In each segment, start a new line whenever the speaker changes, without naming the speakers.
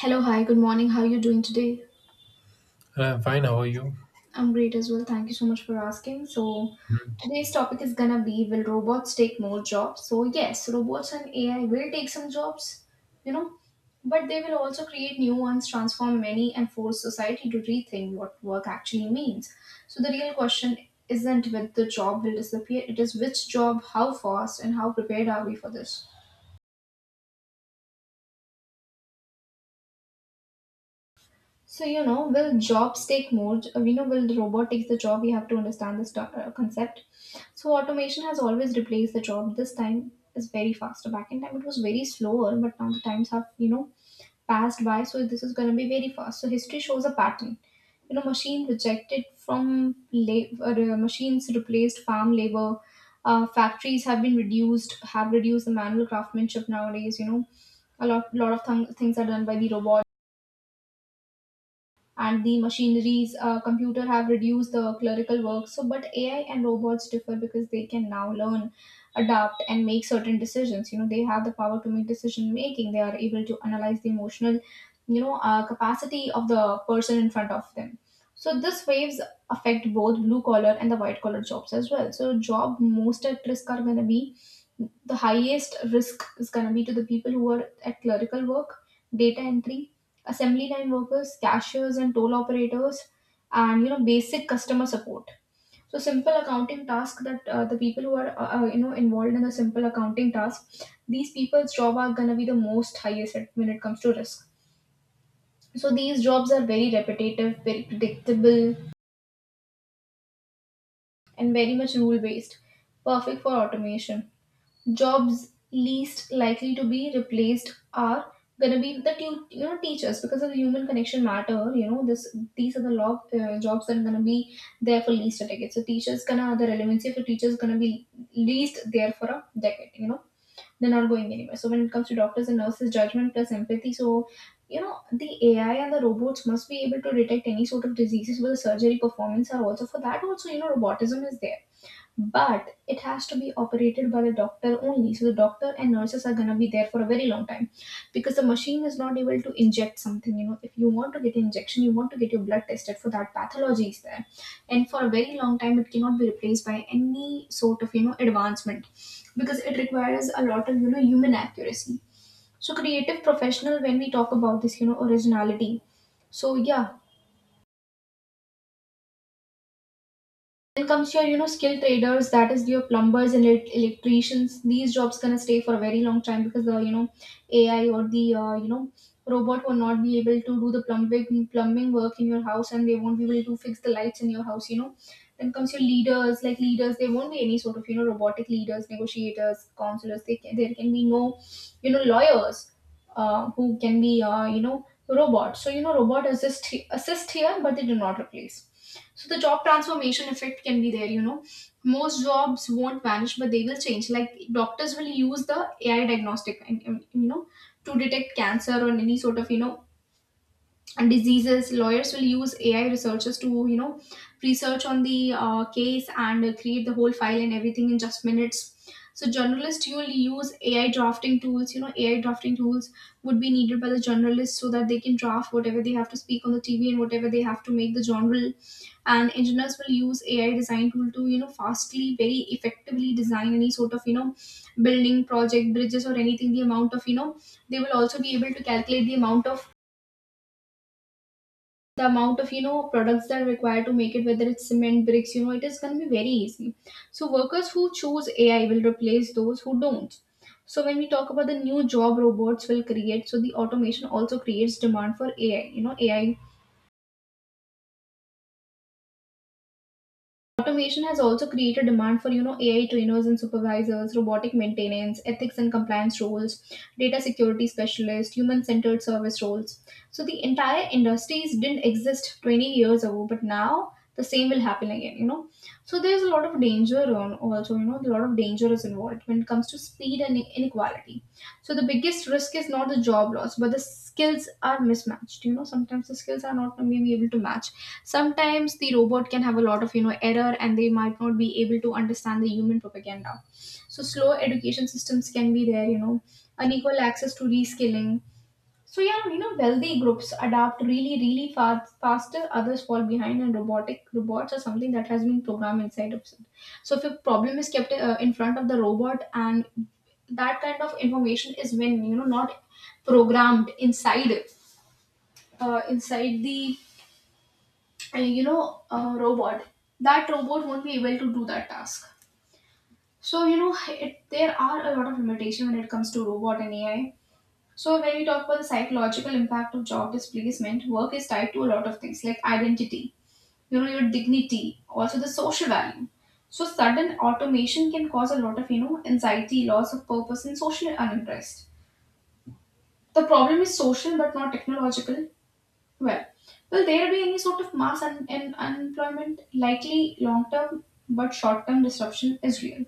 Hello, hi, good morning. How are you doing today?
I'm fine. How are you?
I'm great as well. Thank you so much for asking. Today's topic is gonna be will robots take more jobs? So yes, robots and AI will take some jobs, you know, but they will also create new ones, transform many, and force society to rethink what work actually means. So the real question isn't whether the job will disappear, it is which job, how fast, and how prepared are we for this? Will jobs take more? We know will the robot takes the job? We have to understand this concept. So automation has always replaced the job. This time is very faster. Back in time, it was very slower, but now the times have, you know, passed by. So this is going to be very fast. So history shows a pattern. You know, machine rejected from labor, machines replaced farm labor. Factories have been reduced, have reduced the manual craftsmanship nowadays. You know, a lot of things are done by the robots and the machineries, computer have reduced the clerical work. So but AI and robots differ because they can now learn, adapt, and make certain decisions. You know, they have the power to make decision making. They are able to analyze the emotional, capacity of the person in front of them. So this waves affect both blue collar and the white collar jobs as well. So job most at risk are going to be, the highest risk is going to be to the people who are at clerical work, data entry, assembly line workers, cashiers, and toll operators, and you know, basic customer support. So simple accounting task that, the people who are you know, involved in the simple accounting task, these people's job are gonna be the most highest at- when it comes to risk. So these jobs are very repetitive, very predictable, and very much rule based, perfect for automation. Jobs least likely to be replaced are going to be the you know, teachers because of the human connection matter. You know, this these are the law, jobs that are going to be there for least a decade. So teachers gonna, the relevancy for teachers gonna be least there for a decade, you know. They're not going anywhere. So when it comes to doctors and nurses, judgment plus empathy. So you know, the AI and the robots must be able to detect any sort of diseases. Where the surgery performance are also for that. Also, you know, robotism is there, but it has to be operated by the doctor only. So the doctor and nurses are going to be there for a very long time, because the machine is not able to inject something. You know, if you want to get an injection, you want to get your blood tested, for that pathology is there. And for a very long time it cannot be replaced by any sort of, you know, advancement, because it requires a lot of, you know, human accuracy. So creative professional, when we talk about this, you know, originality. So yeah, then comes your, you know, skilled traders, that is your plumbers and electricians. These jobs gonna stay for a very long time because the, you know, AI or the, robot will not be able to do the plumbing work in your house, and they won't be able to fix the lights in your house. You know, then comes your leaders, like leaders. There won't be any sort of, you know, robotic leaders, negotiators, counselors. There can be no, you know, lawyers, who can be, you know, robots. So you know, robot assist here, but they do not replace. So the job transformation effect can be there, you know. Most jobs won't vanish, but they will change. Like doctors will use the AI diagnostic, you know, to detect cancer or any sort of, you know, diseases. Lawyers will use AI researchers to, you know, research on the case and create the whole file and everything in just minutes. So journalists, you will use AI drafting tools. You know, AI drafting tools would be needed by the journalists so that they can draft whatever they have to speak on the TV and whatever they have to make the genre. And engineers will use AI design tool to, you know, fastly, very effectively design any sort of, you know, building project, bridges, or anything. The amount of, you know, they will also be able to calculate the amount of, you know, products that are required to make it, whether it's cement, bricks. You know, it is going to be very easy. So workers who choose AI will replace those who don't. So when we talk about the new job robots will create, so the automation also creates demand for AI. Automation has also created demand for, you know, AI trainers and supervisors, robotic maintenance, ethics and compliance roles, data security specialists, human-centered service roles. So the entire industries didn't exist 20 years ago, but now the same will happen again, you know. So there's a lot of danger on also, you know, a lot of danger is involved when it comes to speed and inequality. So the biggest risk is not the job loss, but the skills are mismatched. You know, sometimes the skills are not maybe able to match. Sometimes the robot can have a lot of, you know, error, and they might not be able to understand the human propaganda. So slow education systems can be there, you know, unequal access to reskilling. So yeah, you know, wealthy groups adapt really really fast, faster, others fall behind. And robotic robots are something that has been programmed inside of it. So if a problem is kept, in front of the robot, and that kind of information is, when you know, not programmed inside, inside the and you know, a robot, that robot won't be able to do that task. So you know there are a lot of limitations when it comes to robot and AI. So when we talk about the psychological impact of job displacement, work is tied to a lot of things like identity, you know, your dignity, also the social value. So sudden automation can cause a lot of, you know, anxiety, loss of purpose, and social uninterest. The problem is social but not technological. Well, will there be any sort of mass unemployment? Likely long term, but short term disruption is real.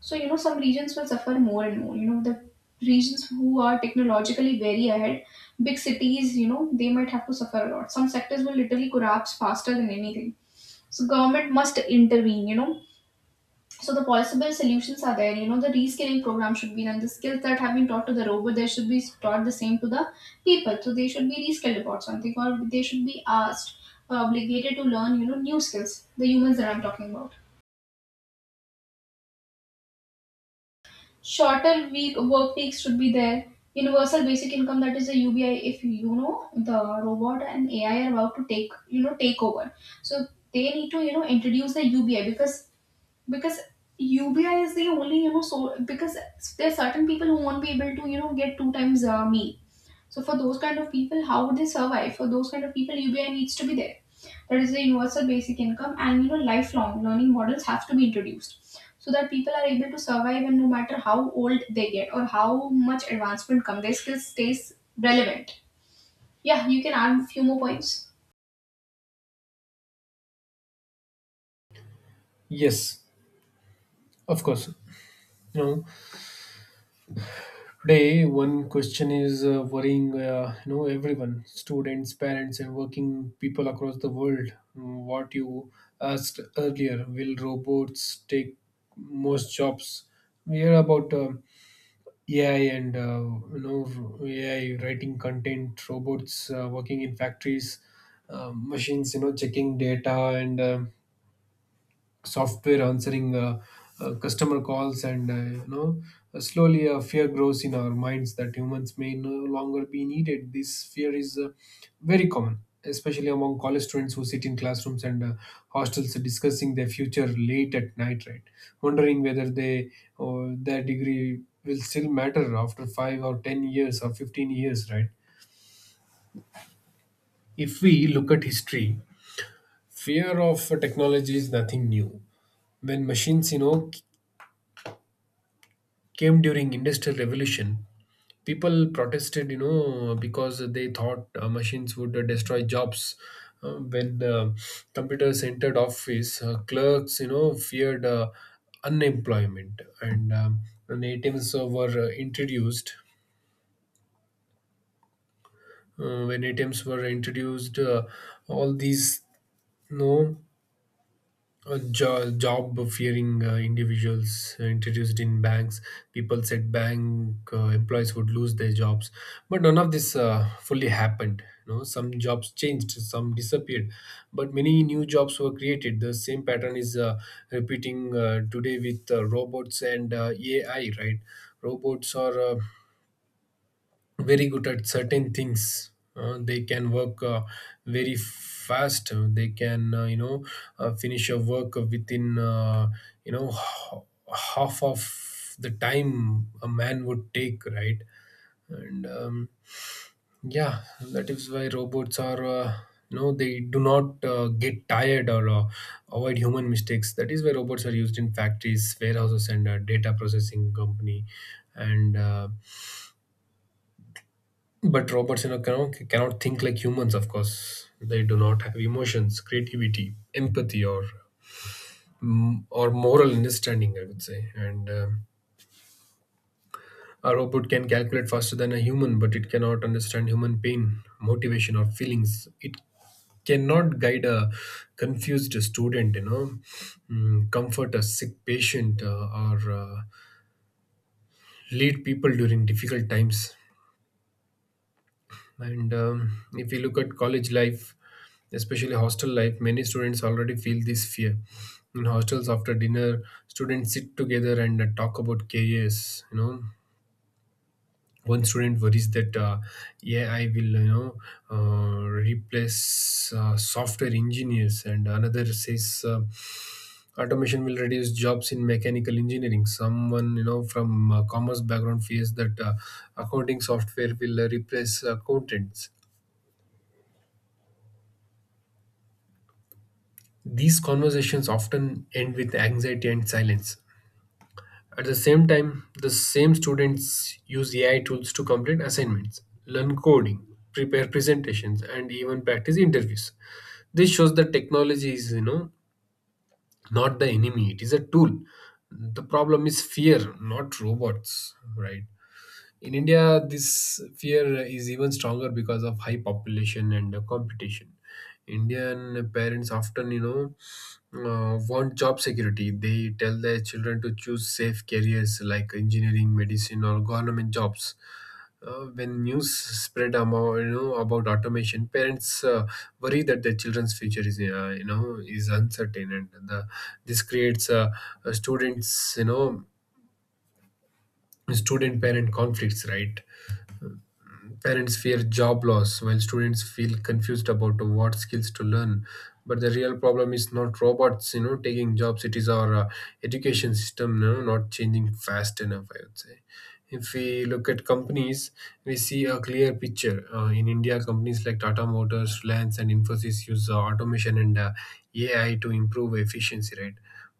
So you know, some regions will suffer more and more. You know, the regions who are technologically very ahead, big cities, you know, they might have to suffer a lot. Some sectors will literally collapse faster than anything. So government must intervene, you know. So the possible solutions are there. You know, the reskilling program should be done. The skills that have been taught to the robot, they should be taught the same to the people. So they should be reskilled about something, or they should be asked or obligated to learn, you know, new skills, the humans that I'm talking about. Shorter week work weeks should be there. Universal basic income, that is a UBI. If you know, the robot and AI are about to take, you know, take over, so they need to, you know, introduce the UBI, because UBI is the only, you know, so because there are certain people who won't be able to, you know, get two times a meal. So for those kind of people, how would they survive? For those kind of people, UBI needs to be there. That is the universal basic income. And you know, lifelong learning models have to be introduced, so that people are able to survive, and no matter how old they get or how much advancement come, their skills stays relevant. Yeah, you can add a few more points.
Yes, of course. You know, today one question is worrying. You know, everyone, students, parents, and working people across the world. Mm, what you asked earlier: will robots take most jobs? We hear about AI and you know, AI writing content, robots working in factories, machines. You know, checking data and software answering customer calls and you know, slowly a fear grows in our minds that humans may no longer be needed. This fear is very common, especially among college students who sit in classrooms and hostels discussing their future late at night, right, wondering whether they or their degree will still matter after 5 or 10 years or 15 years, right. If we look at history, fear of technology is nothing new. When machines, you know, came during industrial revolution, people protested, you know, because they thought machines would destroy jobs. When computers entered office, clerks, you know, feared unemployment, and when atms were introduced, uh, when atms were introduced uh, all these, you know, job fearing individuals introduced in banks, people said bank employees would lose their jobs. But none of this fully happened. You know, some jobs changed, some disappeared, but many new jobs were created. The same pattern is repeating today with robots and ai, right. Robots are very good at certain things. They can work very fast. They can, you know, finish a work within you know, half of the time a man would take, right. And yeah, that is why robots are you know, they do not get tired or avoid human mistakes. That is why robots are used in factories, warehouses, and data processing company. And But robots, you know, cannot think like humans. Of course, they do not have emotions, creativity, empathy, or or moral understanding, I would say. And a robot can calculate faster than a human, but it cannot understand human pain, motivation, or feelings. It cannot guide a confused student, you know, comfort a sick patient, or lead people during difficult times. And if we look at college life, especially hostel life, many students already feel this fear. In hostels, after dinner, students sit together and talk about careers. You know, one student worries that yeah, I will, you know, replace software engineers, and another says automation will reduce jobs in mechanical engineering. Someone, you know, from commerce background fears that accounting software will replace accountants. These conversations often end with anxiety and silence. At the same time, the same students use AI tools to complete assignments, learn coding, prepare presentations, and even practice interviews. This shows that technology is, you know, not the enemy, it is a tool. The problem is fear, not robots, right? In India, this fear is even stronger because of high population and competition. Indian parents often, you know, want job security. They tell their children to choose safe careers like engineering, medicine, or government jobs. When news spread about, about automation, parents worry that their children's future is uncertain, and this creates students, you know, student-parent conflicts, right? Parents fear job loss, while students feel confused about what skills to learn. But the real problem is not robots, you know, taking jobs. It is our education system, you know, not changing fast enough, I would say. If we look at companies, we see a clear picture. In India, companies like Tata Motors, Reliance, and Infosys use automation and AI to improve efficiency, right?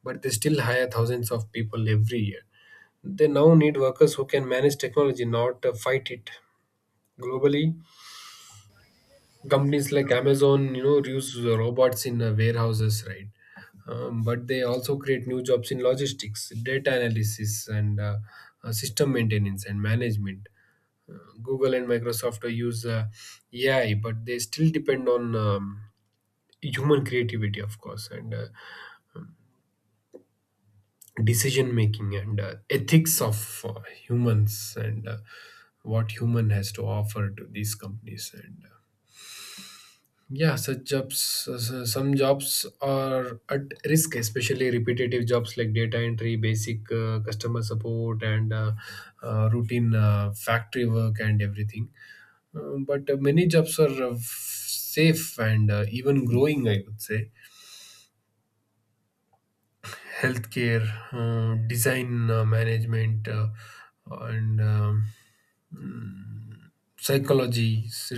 But they still hire thousands of people every year. They now need workers who can manage technology, not fight it. Globally, companies like Amazon, you know, use robots in warehouses, right? But they also create new jobs in logistics, data analysis, and system maintenance and management. Google and Microsoft use AI, but they still depend on human creativity, of course, and decision making and ethics of humans and what human has to offer to these companies and. Yeah, such jobs, some jobs are at risk, especially repetitive jobs like data entry, basic customer support, and routine factory work and everything. But Many jobs are safe and even growing, I would say. Healthcare, design, management, and psychology,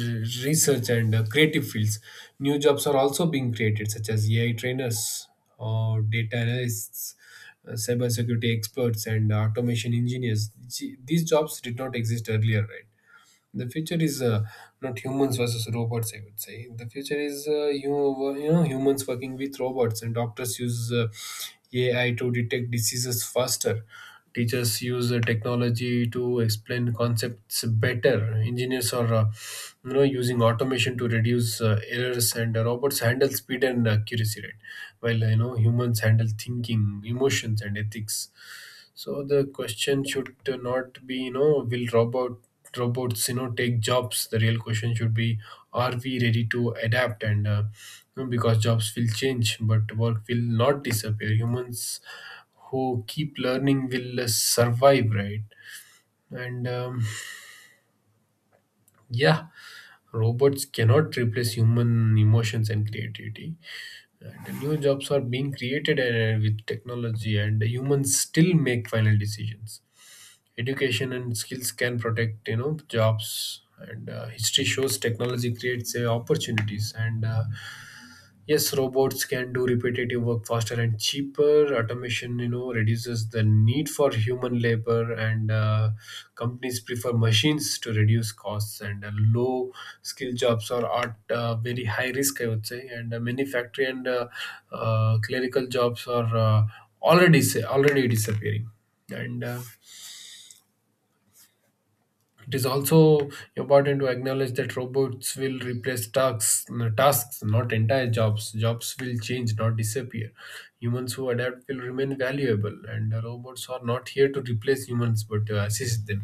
research, and creative fields. New jobs are also being created, such as AI trainers or data analysts, cybersecurity experts, and automation engineers. Gee, these jobs did not exist earlier, right? The future is not humans versus robots. I would say the future is you know, humans working with robots, and doctors use AI to detect diseases faster. Teachers use technology to explain concepts better. Engineers are, you know, using automation to reduce errors, and robots handle speed and accuracy, right? While you know, humans handle thinking, emotions, and ethics. So the question should not be, you know, will robot robots, you know, take jobs? The real question should be, are we ready to adapt? And You know, because jobs will change, but work will not disappear. Humans who keep learning will survive, right. And yeah, robots cannot replace human emotions and creativity, and new jobs are being created with technology, and humans still make final decisions. Education and skills can protect, you know, jobs, and history shows technology creates opportunities and yes, robots can do repetitive work faster and cheaper. Automation, you know, reduces the need for human labor, and companies prefer machines to reduce costs. And low skill jobs are at very high risk, I would say. And many factory and clerical jobs are already disappearing. And it is also important to acknowledge that robots will replace tasks, not entire jobs. Jobs will change, not disappear. Humans who adapt will remain valuable, and the robots are not here to replace humans but to assist them.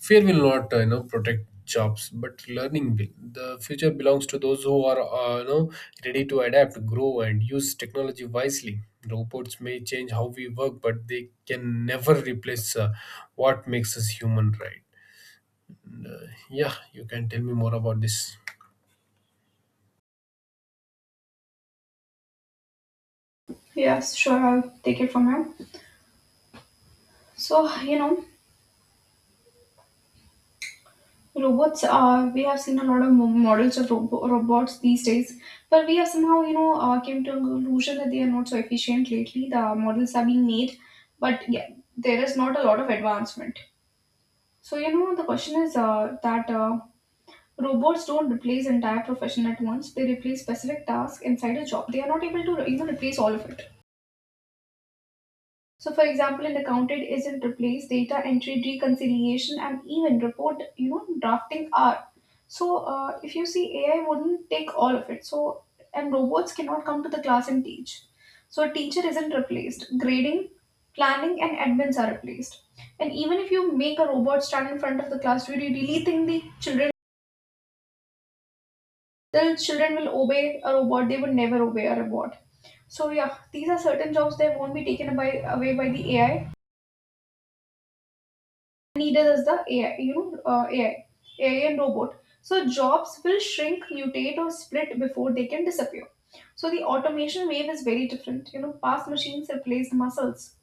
Fear will not, you know, protect jobs, but learning will. The future belongs to those who are, you know, ready to adapt, grow, and use technology wisely. Robots may change how we work, but they can never replace what makes us human, right? Yeah, you can tell me more about this.
Yes, sure. I'll take it from here. So you know, robots, we have seen a lot of models of robots these days, but we have somehow, you know, came to a conclusion that they are not so efficient lately. The models are being made, but yeah, there is not a lot of advancement. So you know, the question is, that robots don't replace entire profession at once. They replace specific tasks inside a job. They are not able to, you know, replace all of it. So for example, in accounted isn't replaced, data entry, reconciliation, and even report, you know, drafting are. So if you see, AI wouldn't take all of it. So, and robots cannot come to the class and teach. So a teacher isn't replaced. Grading, planning, and admins are replaced. And even if you make a robot stand in front of the class, do you really think the children will obey a robot? They would never obey a robot. So yeah, these are certain jobs that won't be taken away by the AI needed is the AI, you know, uh, AI, AI and robot. So jobs will shrink, mutate, or split before they can disappear. So the automation wave is very different. You know, past machines replaced muscles.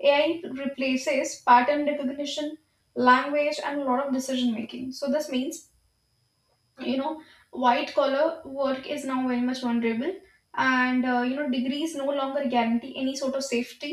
AI replaces pattern recognition, language, and a lot of decision making. So this means you know white collar work is now very much vulnerable, and you know, degrees no longer guarantee any sort of safety.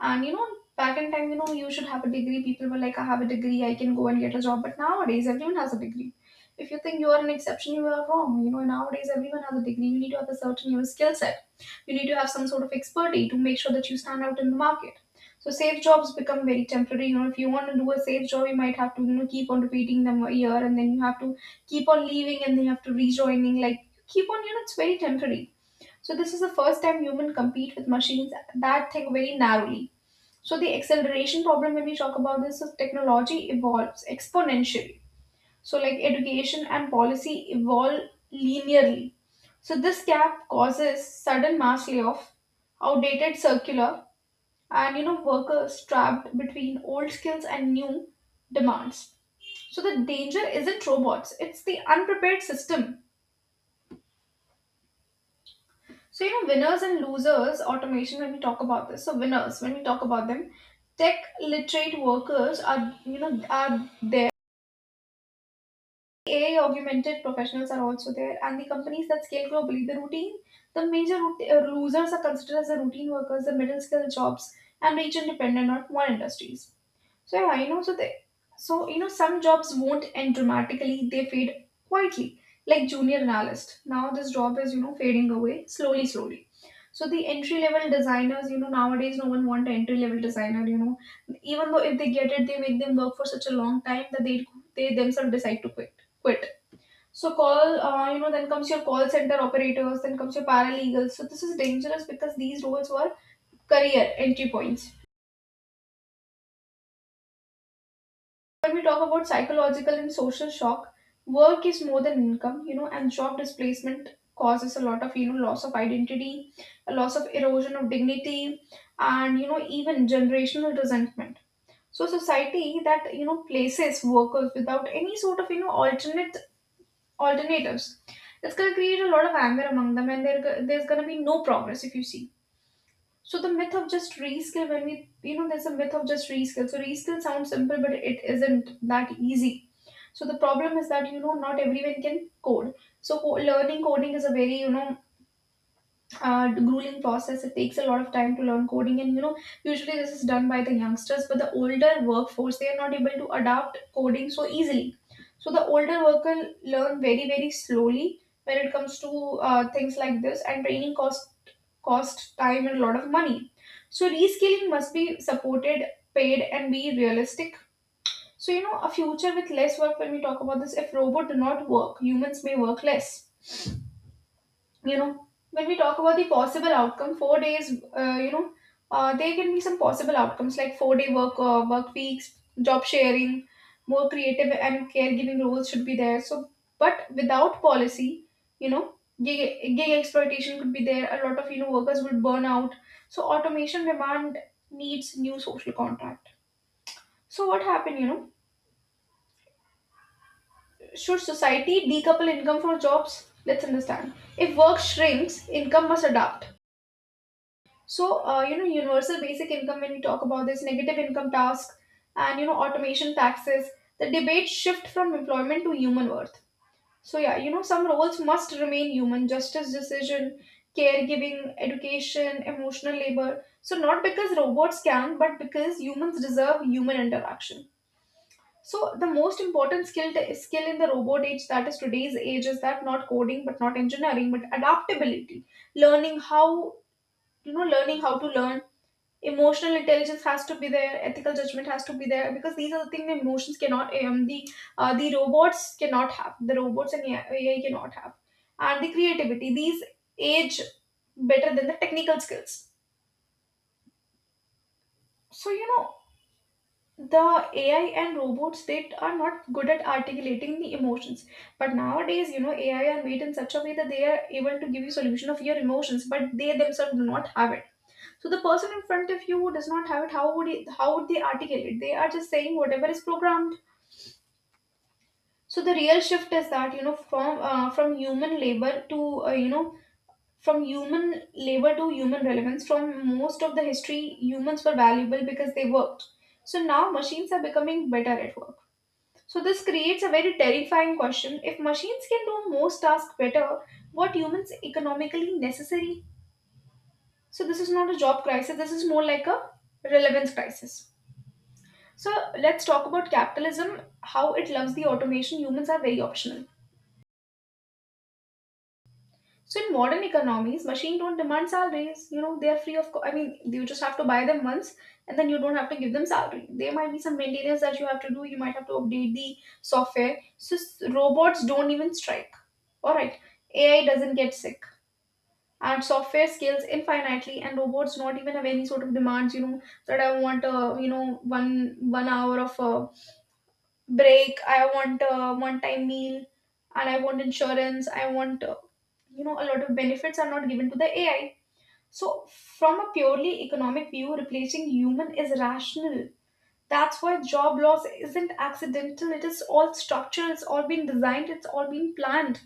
And you know, back in time, you know, you should have a degree. People were like, I have a degree, I can go and get a job. But nowadays everyone has a degree. If you think you are an exception, you are wrong. You know, nowadays everyone has a degree. You need to have a certain, skill set. You need to have some sort of expertise to make sure that you stand out in the market. So safe jobs become very temporary. You know, if you want to do a safe job, you might have to, keep on repeating them a year, and then you have to keep on leaving and they have to rejoining, like keep on, it's very temporary. So this is the first time human compete with machines. That thing very narrowly. So the acceleration problem, when we talk about this, is technology evolves exponentially. So like education and policy evolve linearly. So this gap causes sudden mass layoff, outdated circular, and you know, workers trapped between old skills and new demands. So the danger isn't robots, it's the unprepared system. So, you know, winners and losers, automation, when we talk about this, so winners, when we talk about them, tech literate workers are, you know, are there. AI augmented professionals are also there, and the companies that scale globally, the major losers are considered as the routine workers, the middle skill jobs, and region dependent on one industries. So, yeah, you know, so, you know, some jobs won't end dramatically, they fade quietly, like junior analyst. Now, this job is, you know, fading away slowly, slowly. So the entry level designers, you know, nowadays no one want entry level designer. You know, even though if they get it, they make them work for such a long time that they themselves decide to quit. Quit. So then comes your call center operators, then comes your paralegals. So this is dangerous because these roles were career entry points. When we talk about psychological and social shock, work is more than income, you know, and job displacement causes a lot of, you know, loss of identity, a loss of erosion of dignity, and, you know, even generational resentment. So society that, you know, places workers without any sort of, you know, alternate alternatives, that's going to create a lot of anger among them, and there's going to be no progress if you see. So the myth of just reskill, when we, you know, there's a myth of just reskill. So reskill sounds simple, but it isn't that easy. So the problem is that, you know, not everyone can code. So learning coding is a very, you know, grueling process. It takes a lot of time to learn coding, and you know, usually this is done by the youngsters. But the older workforce, they are not able to adapt coding so easily. So the older worker learn very slowly when it comes to, things like this, and training cost time and a lot of money. So reskilling must be supported, paid, and be realistic. So, you know, a future with less work, when we talk about this, if robots do not work, humans may work less. You know, when we talk about the possible outcome, four days, you know, there can be some possible outcomes like four-day work, work weeks, job sharing, more creative and caregiving roles should be there. So, but without policy, you know, gig exploitation could be there. A lot of, you know, workers would burn out. So automation demand needs new social contract. So what happened, you know? Should society decouple income from jobs? Let's understand. If work shrinks, income must adapt. So, you know, universal basic income, when we talk about this, negative income tax and, you know, automation taxes, the debate shift from employment to human worth. So, yeah, you know, some roles must remain human justice decision, caregiving, education, emotional labor. So, not because robots can, but because humans deserve human interaction. So the most important skill in the robot age, that is today's age, is that not coding, but not engineering, but adaptability. Learning how you know, learning how to learn. Emotional intelligence has to be there. Ethical judgment has to be there because these are the things the emotions cannot. The robots cannot have. The robots and AI cannot have. And the creativity. These age better than the technical skills. So you know, the AI and robots, they are not good at articulating the emotions. But nowadays, you know, AI are made in such a way that they are able to give you solution of your emotions, but they themselves do not have it. So the person in front of you who does not have it, how would they articulate? They are just saying whatever is programmed. So the real shift is that you know, from human labor to, you know from human labor to human relevance. From most of the history, humans were valuable because they worked. So now machines are becoming better at work. So, this creates a very terrifying question. If machines can do most tasks better, what humans economically necessary? So, this is not a job crisis, this is more like a relevance crisis. So, let's talk about capitalism, how it loves the automation. Humans are very optional. So, in modern economies, machines don't demand salaries. You know, they are free of, I mean, you just have to buy them once, and then you don't have to give them salary. There might be some maintenance that you have to do, you might have to update the software. So, robots don't even strike. Alright, AI doesn't get sick. And software scales infinitely, and robots not even have any sort of demands. You know that I want a, you know, one hour of a break. I want a one time meal, and I want insurance. I want, you know, a lot of benefits are not given to the AI. So from a purely economic view, replacing human is rational. That's why job loss isn't accidental. It is all structural. It's all been designed. It's all been planned.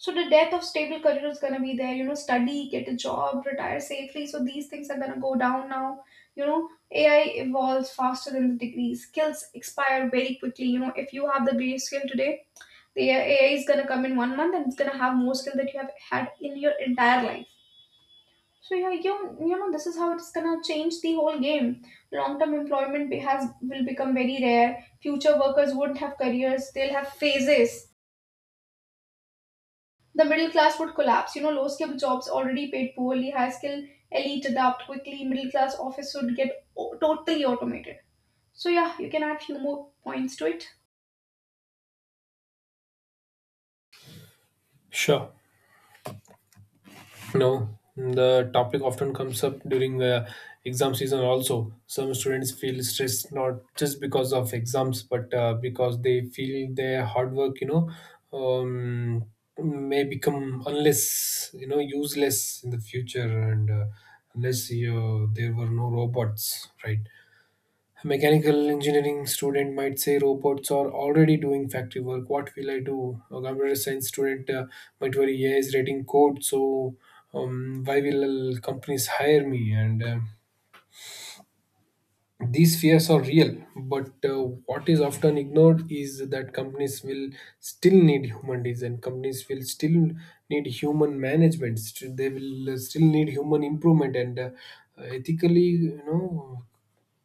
So the death of stable career is gonna be there. You know, study, get a job, retire safely. So these things are gonna go down now. You know, AI evolves faster than the degree. Skills expire very quickly. You know, if you have the base skill today, the AI is gonna come in one month and it's gonna have more skill that you have had in your entire life. So yeah, you know this is how it's gonna change the whole game. Long term employment has will become very rare. Future workers won't have careers; they'll have phases. The middle class would collapse. You know, low skilled jobs already paid poorly, high skilled elite adapt quickly, middle class office would get totally automated. So, yeah, you can add few more points to it.
Sure. No, the topic often comes up during the exam season also. Some students feel stressed not just because of exams, but because they feel their hard work, you know, um, may become unless, you know, useless in the future, and unless you, there were no robots, right? A mechanical engineering student might say robots are already doing factory work. What will I do? A computer science student might worry, yeah, is writing code, so why will companies hire me? And these fears are real, but what is often ignored is that companies will still need human design. Companies will still need human management. They will still need human improvement and ethically, you know,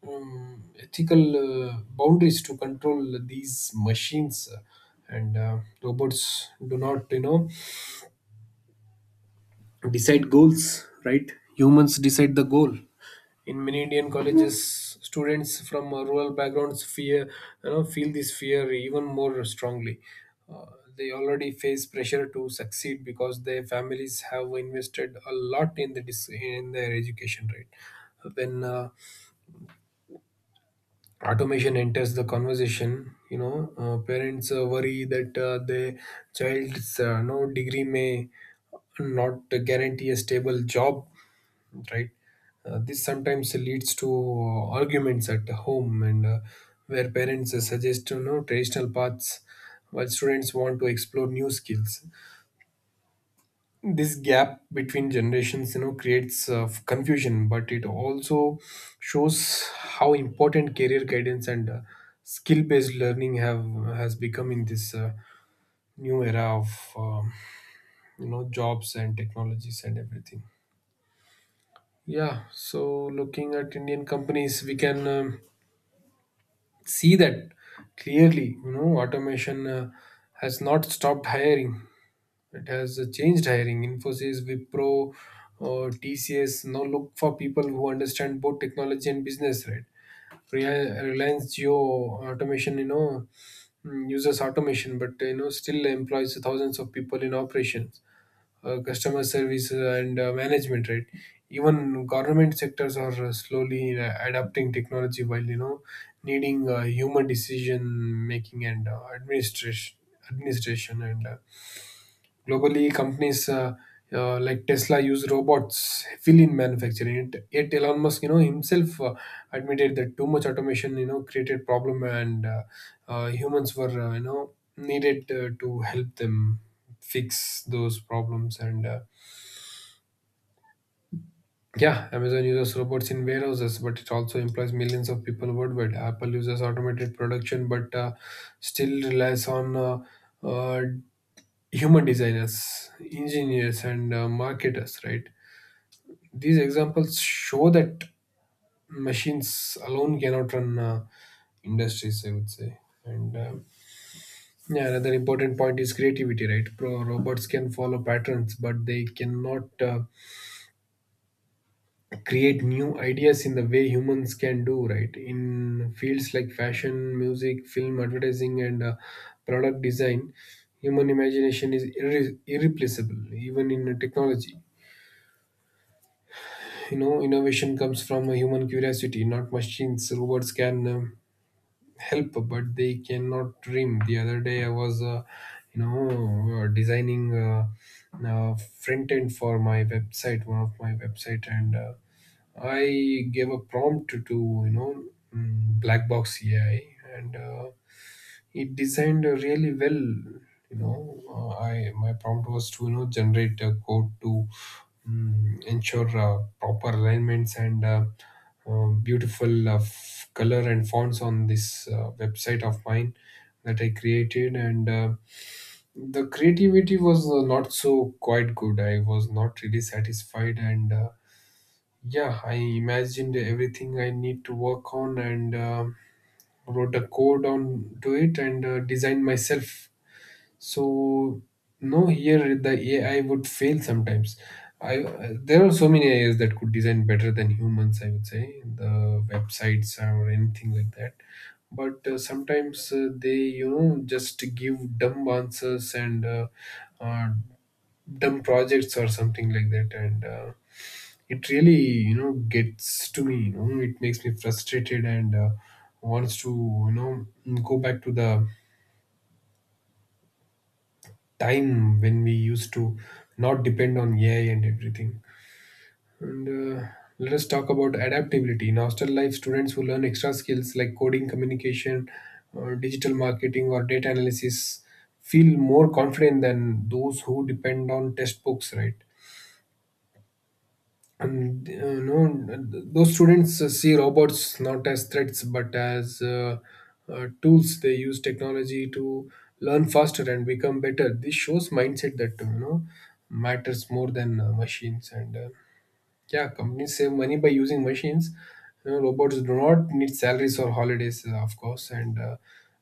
ethical boundaries to control these machines. And Robots do not, you know, decide goals, right. Humans decide the goal. In many indian colleges, students from rural backgrounds fear you know feel this fear even more strongly. uh, they already face pressure to succeed because their families have invested a lot in in their education, right. When automation enters the conversation, you know, parents worry that their child's degree may not guarantee a stable job, right? This sometimes leads to arguments at home, and where parents suggest, you know, traditional paths, while students want to explore new skills. This gap between generations, you know, creates confusion, but it also shows how important career guidance and skill based learning have has become in this new era of you know, jobs and technologies and everything. Yeah, so looking at Indian companies, we can, see that clearly. You know, automation has not stopped hiring; it has changed hiring. Infosys, Wipro, or TCS now look for people who understand both technology and business, right? Reliance Geo automation, uses automation, but you know, still employs thousands of people in operations, customer service, and management, right? Even government sectors are slowly adopting technology while needing human decision making and administration administration and globally, companies like Tesla use robots heavily in manufacturing. Yet Elon Musk, himself admitted that too much automation, created problem, and humans were, needed to help them fix those problems and Yeah, Amazon uses robots in warehouses, but it also employs millions of people worldwide. Apple uses automated production, but still relies on uh, human designers, engineers, and marketers, right? These examples show that machines alone cannot run industries, I would say. And Yeah, another important point is creativity, right? Pro Robots can follow patterns, but they cannot create new ideas in the way humans can do, right? In fields like fashion, music, film, advertising, and product design, human imagination is irreplaceable, even in technology. You know, innovation comes from a human curiosity, not machines. Robots can help, but they cannot dream. The other day I was designing front end for my website, one of my website, and I gave a prompt to you know black box AI, and it designed really well. You know, I my prompt was to generate a code to ensure proper alignments and beautiful color and fonts on this website of mine that I created, and the creativity was not so quite good. I was not really satisfied and. Yeah, I imagined everything I need to work on, and wrote a code on to it, and designed myself. So no, here the AI would fail sometimes. I There are so many AIs that could design better than humans, I would say, the websites or anything like that. But sometimes they, you know, just give dumb answers, and uh, dumb projects or something like that and. It really, you know, gets to me, you know, it makes me frustrated, and wants to, you know, go back to the time when we used to not depend on AI and everything, and uh, let us talk about adaptability in hostel life. Students who learn extra skills like coding, communication, or digital marketing, or data analysis feel more confident than those who depend on test books, right? and No, those students see robots not as threats, but as tools. They use technology to learn faster and become better. This shows mindset that, you know, matters more than machines and. Yeah, companies save money by using machines. You know, robots do not need salaries or holidays, of course, and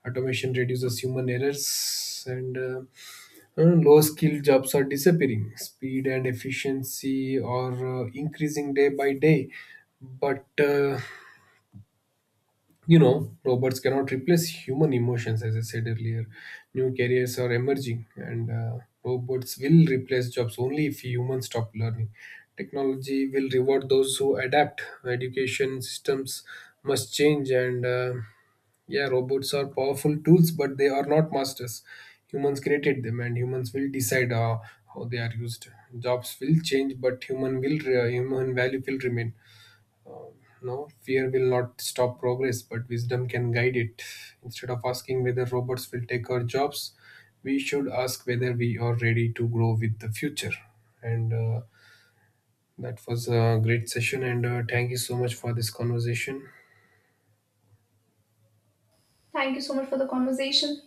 automation reduces human errors. And Low skilled jobs are disappearing. Speed and efficiency are increasing day by day, but you know, robots cannot replace human emotions. As I said earlier, new careers are emerging, and robots will replace jobs only if humans stop learning. Technology will reward those who adapt. Education systems must change, and yeah, robots are powerful tools, but they are not masters. Humans created them, and humans will decide how they are used. Jobs will change, but human value will remain. No, fear will not stop progress, but wisdom can guide it. Instead of asking whether robots will take our jobs, we should ask whether we are ready to grow with the future. And That was a great session, and thank you so much for this conversation.
Thank you so much for the conversation.